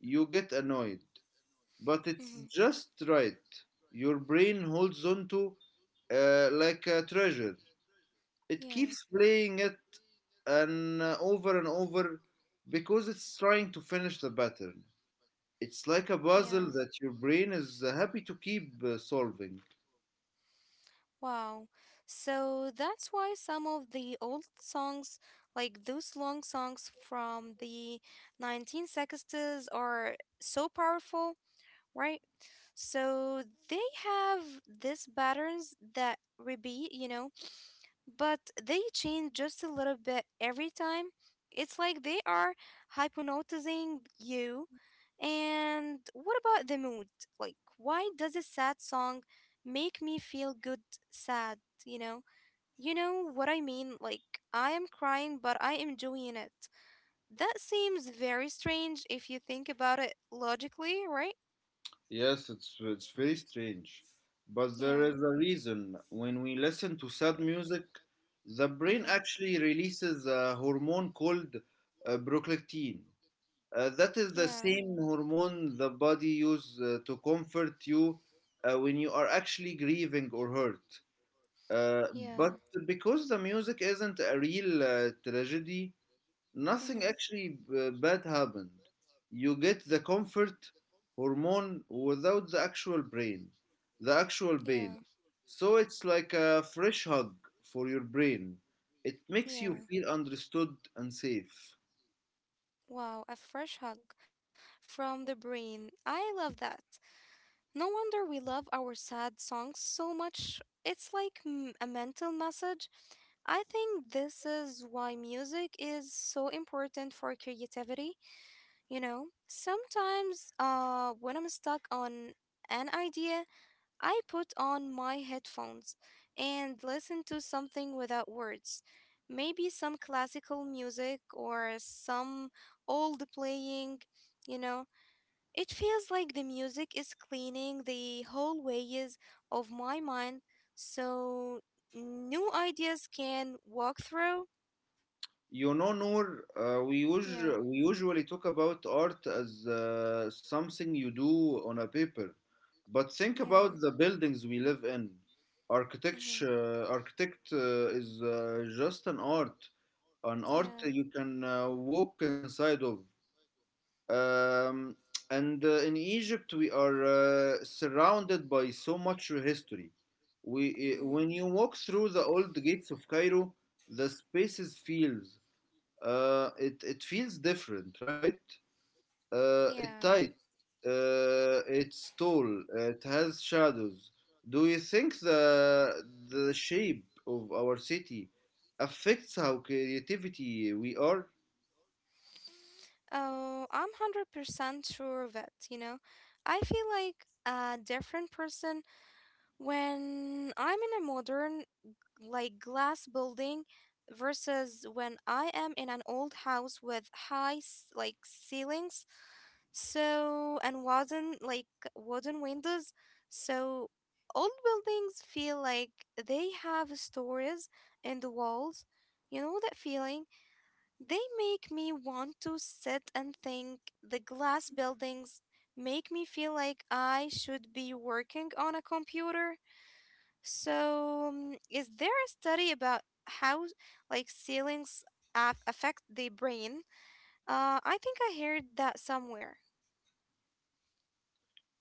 B: you get annoyed but it's
A: Mm-hmm.
B: just right. Your brain holds on to like a treasure. It
A: Yeah.
B: keeps playing it and over and over because it's trying to finish the pattern. It's like a
A: Yeah.
B: puzzle that your brain is happy to keep solving.
A: Wow. So that's why some of the old songs, like those long songs from the 1960s, are so powerful, right? So they have these patterns that repeat, you know, but they change just a little bit every time. It's like they are hypnotizing you. And what about the mood? Like, why does a sad song make me feel good sad, you know? You know what I mean? Like, I am crying, but I am enjoying it. That seems very strange if you think about it logically, right?
B: Yes, it's very strange, but there is
A: Yeah.
B: a reason. When we listen to sad music, the brain
A: Mm-hmm.
B: actually releases a hormone called prolactin. That is the
A: Yeah,
B: same hormone the body uses to comfort you when you are actually grieving or hurt. Uh, but
A: yeah.
B: because the music isn't a real tragedy, nothing
A: Mm-hmm.
B: actually bad happened. You get the comfort hormone without the the actual pain.
A: Yeah,
B: So it's like a fresh hug for your brain. It makes you
A: yeah.
B: feel understood and safe.
A: Wow, a fresh hug from the brain. I love that. No wonder we love our sad songs so much. It's like a mental message. I think this is why music is so important for creativity. You know, sometimes when I'm stuck on an idea, I put on my headphones and listen to something without words. Maybe some classical music or some old playing, you know. It feels like the music is cleaning the whole ways of my mind so new ideas can walk through.
B: You know, Noor,
A: Yeah.
B: we usually talk about art as something you do on a paper, but think
A: Yeah.
B: about the buildings we live in.
A: Mm-hmm.
B: Architecture, architect is just an art
A: Yeah.
B: you can walk inside of. Um, and in Egypt, we are surrounded by so much history.
A: Mm-hmm.
B: When you walk through the old gates of Cairo, the spaces feels it it feels different, right? It
A: Yeah.
B: tight. It's tall. It has shadows. Do you think the shape of our city affects how creativity we are?
A: Oh, I'm 100% sure of it, you know. I feel like a different person when I'm in a modern, like, glass building versus when I am in an old house with high, like, ceilings. So, and wooden like wooden windows. So, old buildings feel like they have stories in the walls. You know that feeling? They make me want to sit and think. The glass buildings make me feel like I should be working on a computer. So, is there a study about how like ceilings affect the brain? I think I heard that somewhere.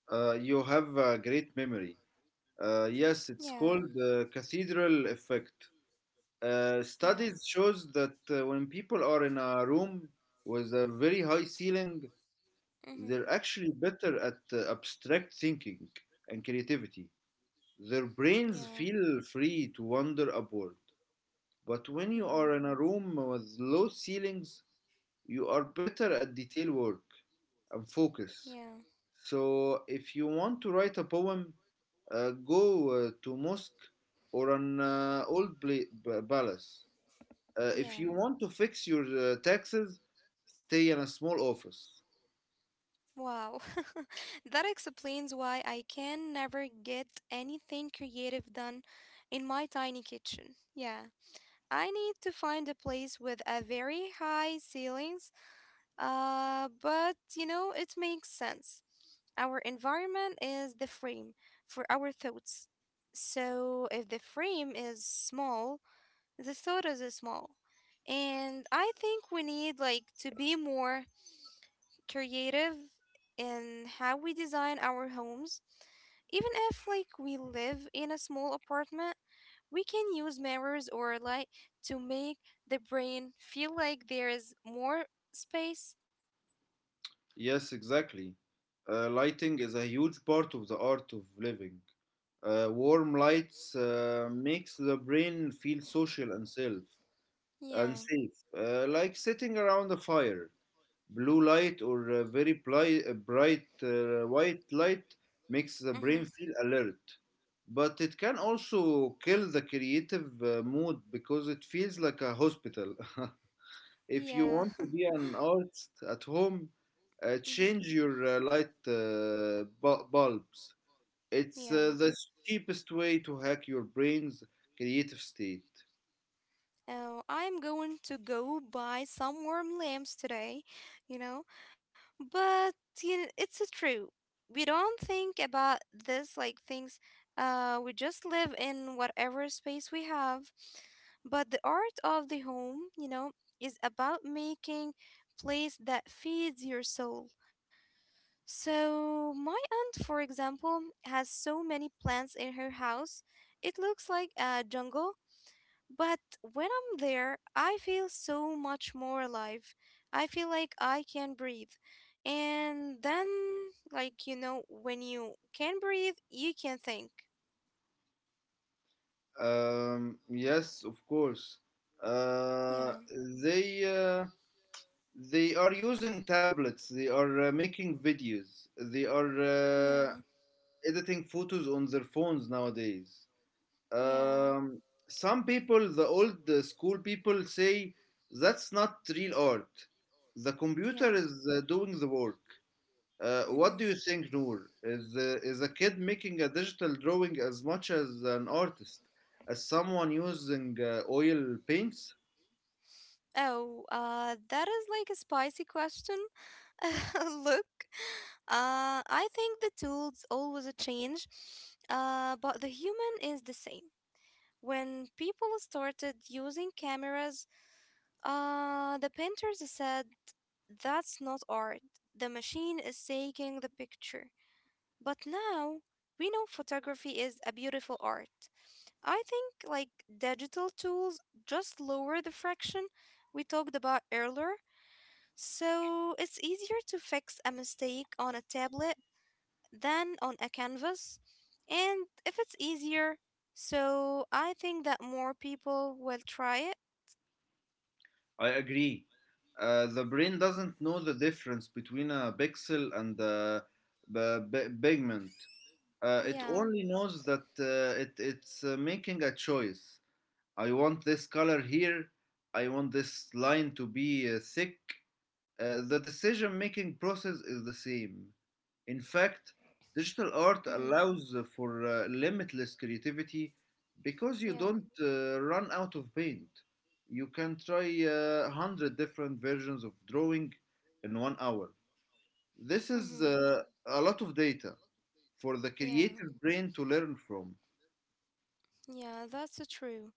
B: You have a great memory. Yes, it's
A: Yeah.
B: called the cathedral effect.
A: Yeah.
B: Studies shows that when people are in a room with a very high ceiling, they're
A: Mhm.
B: actually better at abstract thinking and creativity. Their brains
A: Yeah.
B: feel free to wander upward. But when you are
A: Mhm.
B: in a room with low ceilings, you are better at detail work and focus.
A: Yeah.
B: So if you want to write a poem, go to mosque or an palace. If you
A: Yeah.
B: want to fix your taxes, stay in a small office.
A: Wow. That explains why I can never get anything creative done in my tiny kitchen. Yeah. I need to find a place with a very high ceilings. But you know, it makes sense. Our environment is the frame for our thoughts. So if the frame is small, the sodas is small. And I think we need like to be more creative in how we design our homes. Even if like we live in a small apartment, we can use mirrors or light to make the brain feel like there is more space.
B: Yes, exactly. Lighting is a huge part of the art of living. Warm lights makes the brain feel social and self and
A: Yeah.
B: safe, like sitting around a fire. Blue light or a bright white light makes the brain
A: Mhm.
B: feel alert, but it can also kill the creative mood because it feels like a hospital. If you
A: Yeah.
B: want to be an artist at home,
A: Mhm.
B: change your bulbs. It's
A: Yeah.
B: the cheapest way to hack your brain's creative state.
A: Oh, I'm going to go buy some warm lamps today, you know? But you know, it's true. We don't think about this like things. We just live in whatever space we have. But the art of the home, you know, is about making place that feeds your soul. So my aunt, for example, has so many plants in her house. It looks like a jungle but when I'm there, I feel so much more alive. I feel like I can breathe. And then, like, you know, when you can breathe, you can think.
B: Yes, of course. Uh,
A: Yeah,
B: uh, they are using tablets. They are making videos. They are uh,
A: yeah,
B: editing photos on their phones nowadays.
A: yeah,
B: Um, some people, the old school people, say that's not real art. The computer
A: yeah.
B: is doing the work.
A: Mm-hmm.
B: What do you think, Noor? Is a kid making a digital drawing as much as an artist, as someone using oil paints?
A: Oh, that is like a spicy question. Look, I think the tools always a change, but the human is the same. When people started using cameras, the painters said, "That's not art. The machine is taking the picture." But now we know photography is a beautiful art. I think like digital tools just lower the fraction we talked about earlier. So it's easier to fix a mistake on a tablet than on a canvas. And if it's easier, so I think that more people will try it.
B: I agree. The brain doesn't know the difference between a pixel and a pigment. It
A: Yeah.
B: only knows that it's making a choice. I want this color here. I want this line to be thick. The decision making process is the same. In fact, digital art
A: Mm-hmm.
B: allows for limitless creativity because you
A: Yeah.
B: don't run out of paint. You can try 100 different versions of drawing in 1 hour. This is
A: Mm-hmm.
B: a lot of data for the
A: Yeah.
B: creative brain to learn from.
A: Yeah, that's true.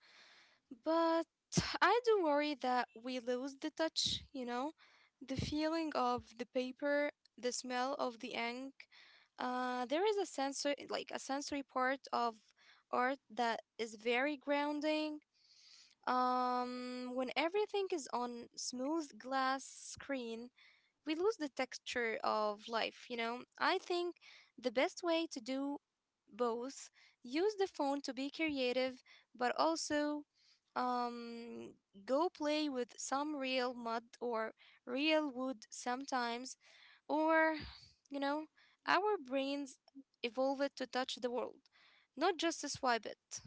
A: But I do worry that we lose the touch, you know, the feeling of the paper, the smell of the ink. There is a sensory, like a sensory part of art that is very grounding. When everything is on smooth glass screen, we lose the texture of life, you know? I think the best way to do both use the phone to be creative, but also um, go play with some real mud or real wood sometimes, or, you know, our brains evolve it to touch the world, not just to swipe it.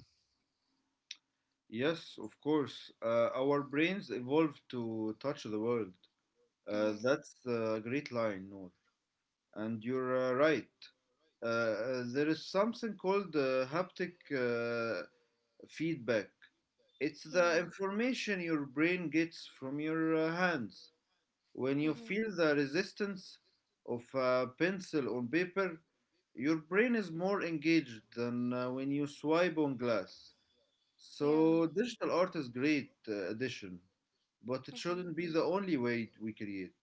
B: Yes, of course. Our brains evolved to touch the world.
A: Mm-hmm.
B: That's a great line, Noor. And you're right. Uh, there is something called uh, haptic feedback. It's the
A: Yeah.
B: information your brain gets from your hands. When you
A: Mm-hmm.
B: feel the resistance of a pencil on paper, your brain is more engaged than when you swipe on glass.
A: Yeah.
B: So digital art is great addition, but it
A: Mm-hmm.
B: shouldn't be the only way we create.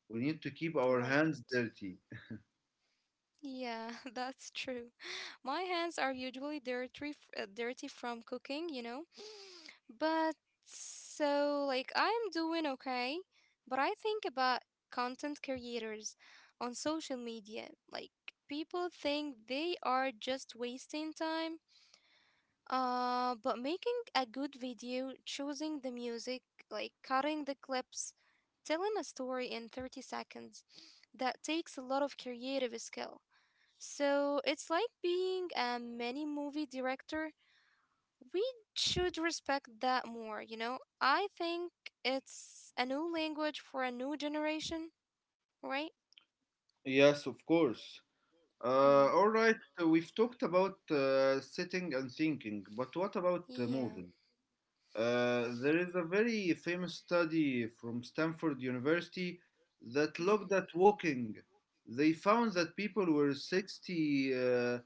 B: We need to keep our
A: Right.
B: hands dirty.
A: Yeah, that's true. My hands are usually dirty from cooking, you know. But so like I'm doing okay. But I think about content creators on social media. Like people think they are just wasting time. But making a good video, choosing the music, like cutting the clips, telling a story in 30 seconds, that takes a lot of creative skill. So it's like being a mini movie director. We should respect that more, you know? I think it's a new language for a new generation, right?
B: Yes, of course.
A: Mm-hmm.
B: All right, we've talked about sitting and thinking, but what about
A: Yeah.
B: moving? There is a very famous study from Stanford University that
A: Mm-hmm.
B: looked at walking. They found that people were 60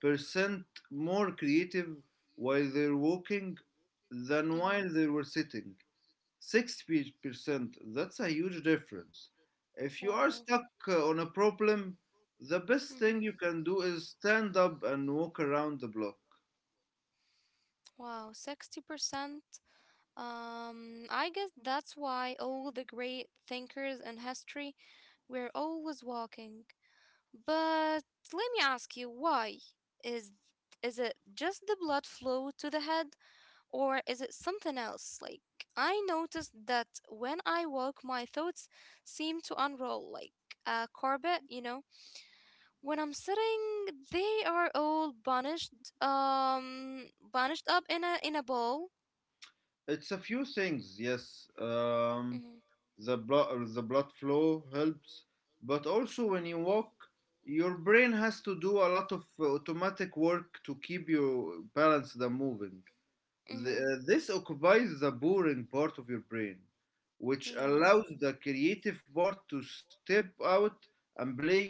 B: percent more creative while they're walking than
A: Mm-hmm.
B: while they were sitting. 60%, that's a huge difference. If you are
A: Wow.
B: stuck on a problem, the best thing
A: Mm-hmm.
B: you can do is stand up and walk around the block.
A: Wow. 60%. I guess that's why all the great thinkers in history were always walking. But let me ask you, why? Is is it just the blood flow to the head? Or is it something else? Like, I noticed that when I walk, my thoughts seem to unroll like a carpet, you know? When I'm sitting, they are all bunched up in a ball.
B: It's a few things, yes.
A: Mm-hmm.
B: The blood flow helps, but also when you walk, your brain has to do a lot of automatic work to keep you balanced and moving.
A: Mm-hmm.
B: This occupies the boring part of your brain, which
A: Yeah.
B: allows the creative part to step out and play.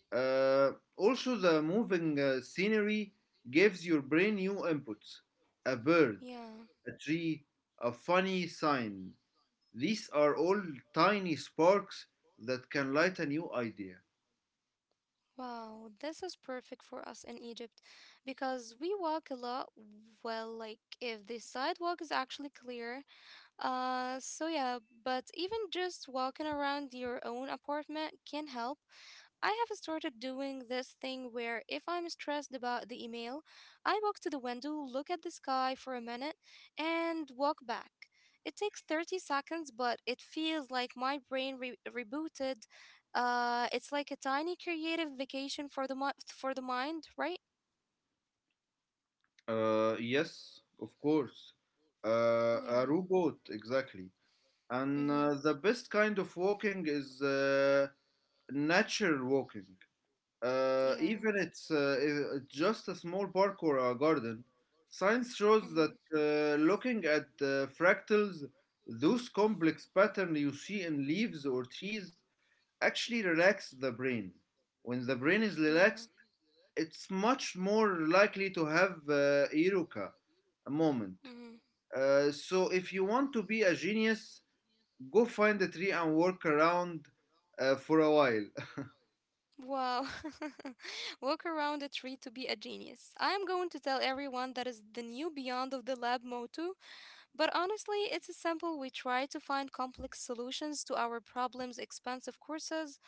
B: Uh, also, the moving scenery gives your brain new inputs a bird,
A: Yeah.
B: a tree, a funny sign. These are all tiny sparks that can light a new idea.
A: Wow, this is perfect for us in Egypt because we walk a lot. Well, like if the sidewalk is actually clear. So yeah, but even just walking around your own apartment can help. I have started doing this thing where if I'm stressed about the email, I walk to the window, look at the sky for a minute, and walk back. It takes 30 seconds, but it feels like my brain rebooted. It's like a tiny creative vacation for for the mind, right?
B: Yes, of course. A
A: Yeah.
B: robot, exactly. And
A: Mhm.
B: the best kind of walking is natural walking.
A: Yeah.
B: It's just a small park or a garden. Science shows
A: Mhm.
B: that looking at fractals, those complex patterns you see in leaves or trees, actually relax the brain. When the brain is
A: Yeah.
B: relaxed, it's much more likely to have Eureka a moment.
A: Mhm.
B: So if you want to be a genius, go find a tree and walk around for a while.
A: Wow. Walk around a tree to be a genius. I am going to tell everyone that is the new beyond of the lab motto, but honestly, it's a simple we try to find complex solutions to our problems, expensive courses,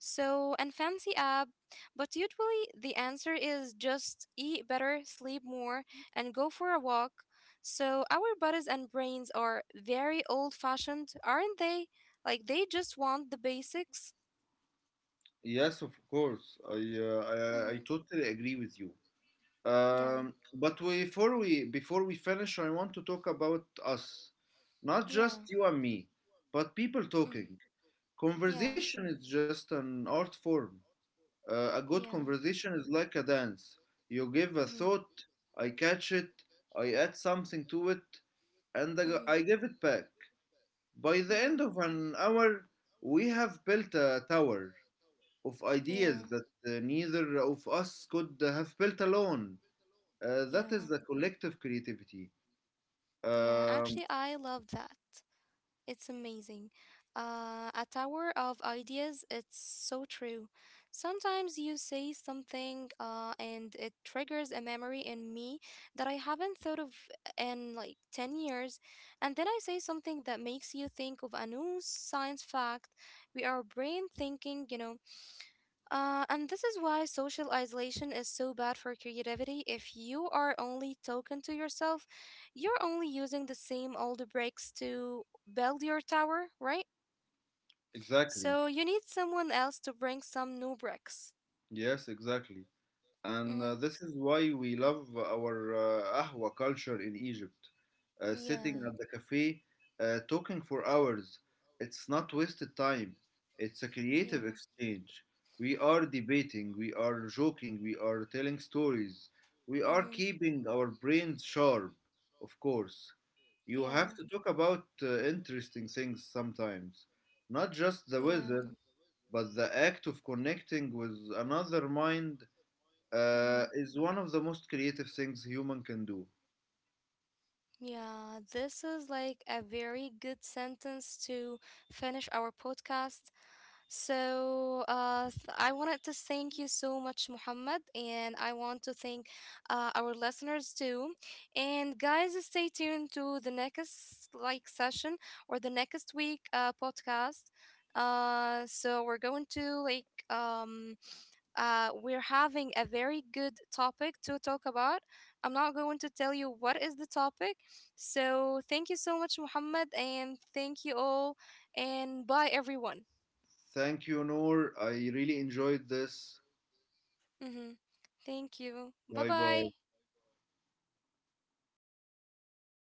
A: so and fancy app, but usually the answer is just eat better, sleep more, and go for a walk. So our bodies and brains are very old-fashioned, aren't they? Like they just want the basics.
B: Yes, of course.
A: Mhm.
B: I totally agree with you.
A: Yeah.
B: But before we finish, I want to talk about us, not just
A: Yeah.
B: you and me, but people
A: Mhm.
B: talking.
A: Yeah,
B: Conversation is just an art form. A good
A: yeah.
B: conversation is like a dance. You give a
A: Mhm,
B: thought, I catch it, I add something to it, and I,
A: mhm,
B: I give it back. By the
A: mhm.
B: end of an hour, we have built a tower of
A: Yeah,
B: ideas that neither of us could have built alone. That is
A: yeah,
B: the collective creativity.
A: yeah.
B: Um,
A: Actually, I love that. It's amazing. A tower of ideas. It's so true. Sometimes you say something, and it triggers a memory in me that I haven't thought of in like 10 years, and then I say something that makes you think of a new science fact. We are brain thinking, you know. And this is why social isolation is so bad for creativity. If you are only talking to yourself, you're only using the same old bricks to build your tower, right?
B: exactly.
A: So you need someone else to bring some new bricks.
B: Yes, exactly. And
A: Mm-hmm.
B: this is why we love our ahwa culture in Egypt. Sitting
A: Yeah,
B: at the cafe, talking for hours. It's not wasted time. It's a creative
A: yeah,
B: exchange. We are debating, we are joking, we are telling stories. We are
A: mm-hmm,
B: keeping our brains sharp, of course. You
A: yeah,
B: have to talk about interesting things sometimes. Not just the
A: yeah,
B: weather, but the act of connecting with another mind
A: mm-hmm,
B: is one of the most creative things human can do.
A: yeah. This is like a very good sentence to finish our podcast. So I wanted to thank you so much, Muhammad, and I want to thank our listeners too. And guys, stay tuned to the next like session or the next week podcast. So we're going to we're having a very good topic to talk about. I'm not going to tell you what is the topic. So thank you so much, Muhammad, and thank you all, and bye everyone.
B: Thank you, Noor. I really enjoyed this.
A: Mm-hmm. Thank you. Bye
B: Bye
A: bye.
B: bye.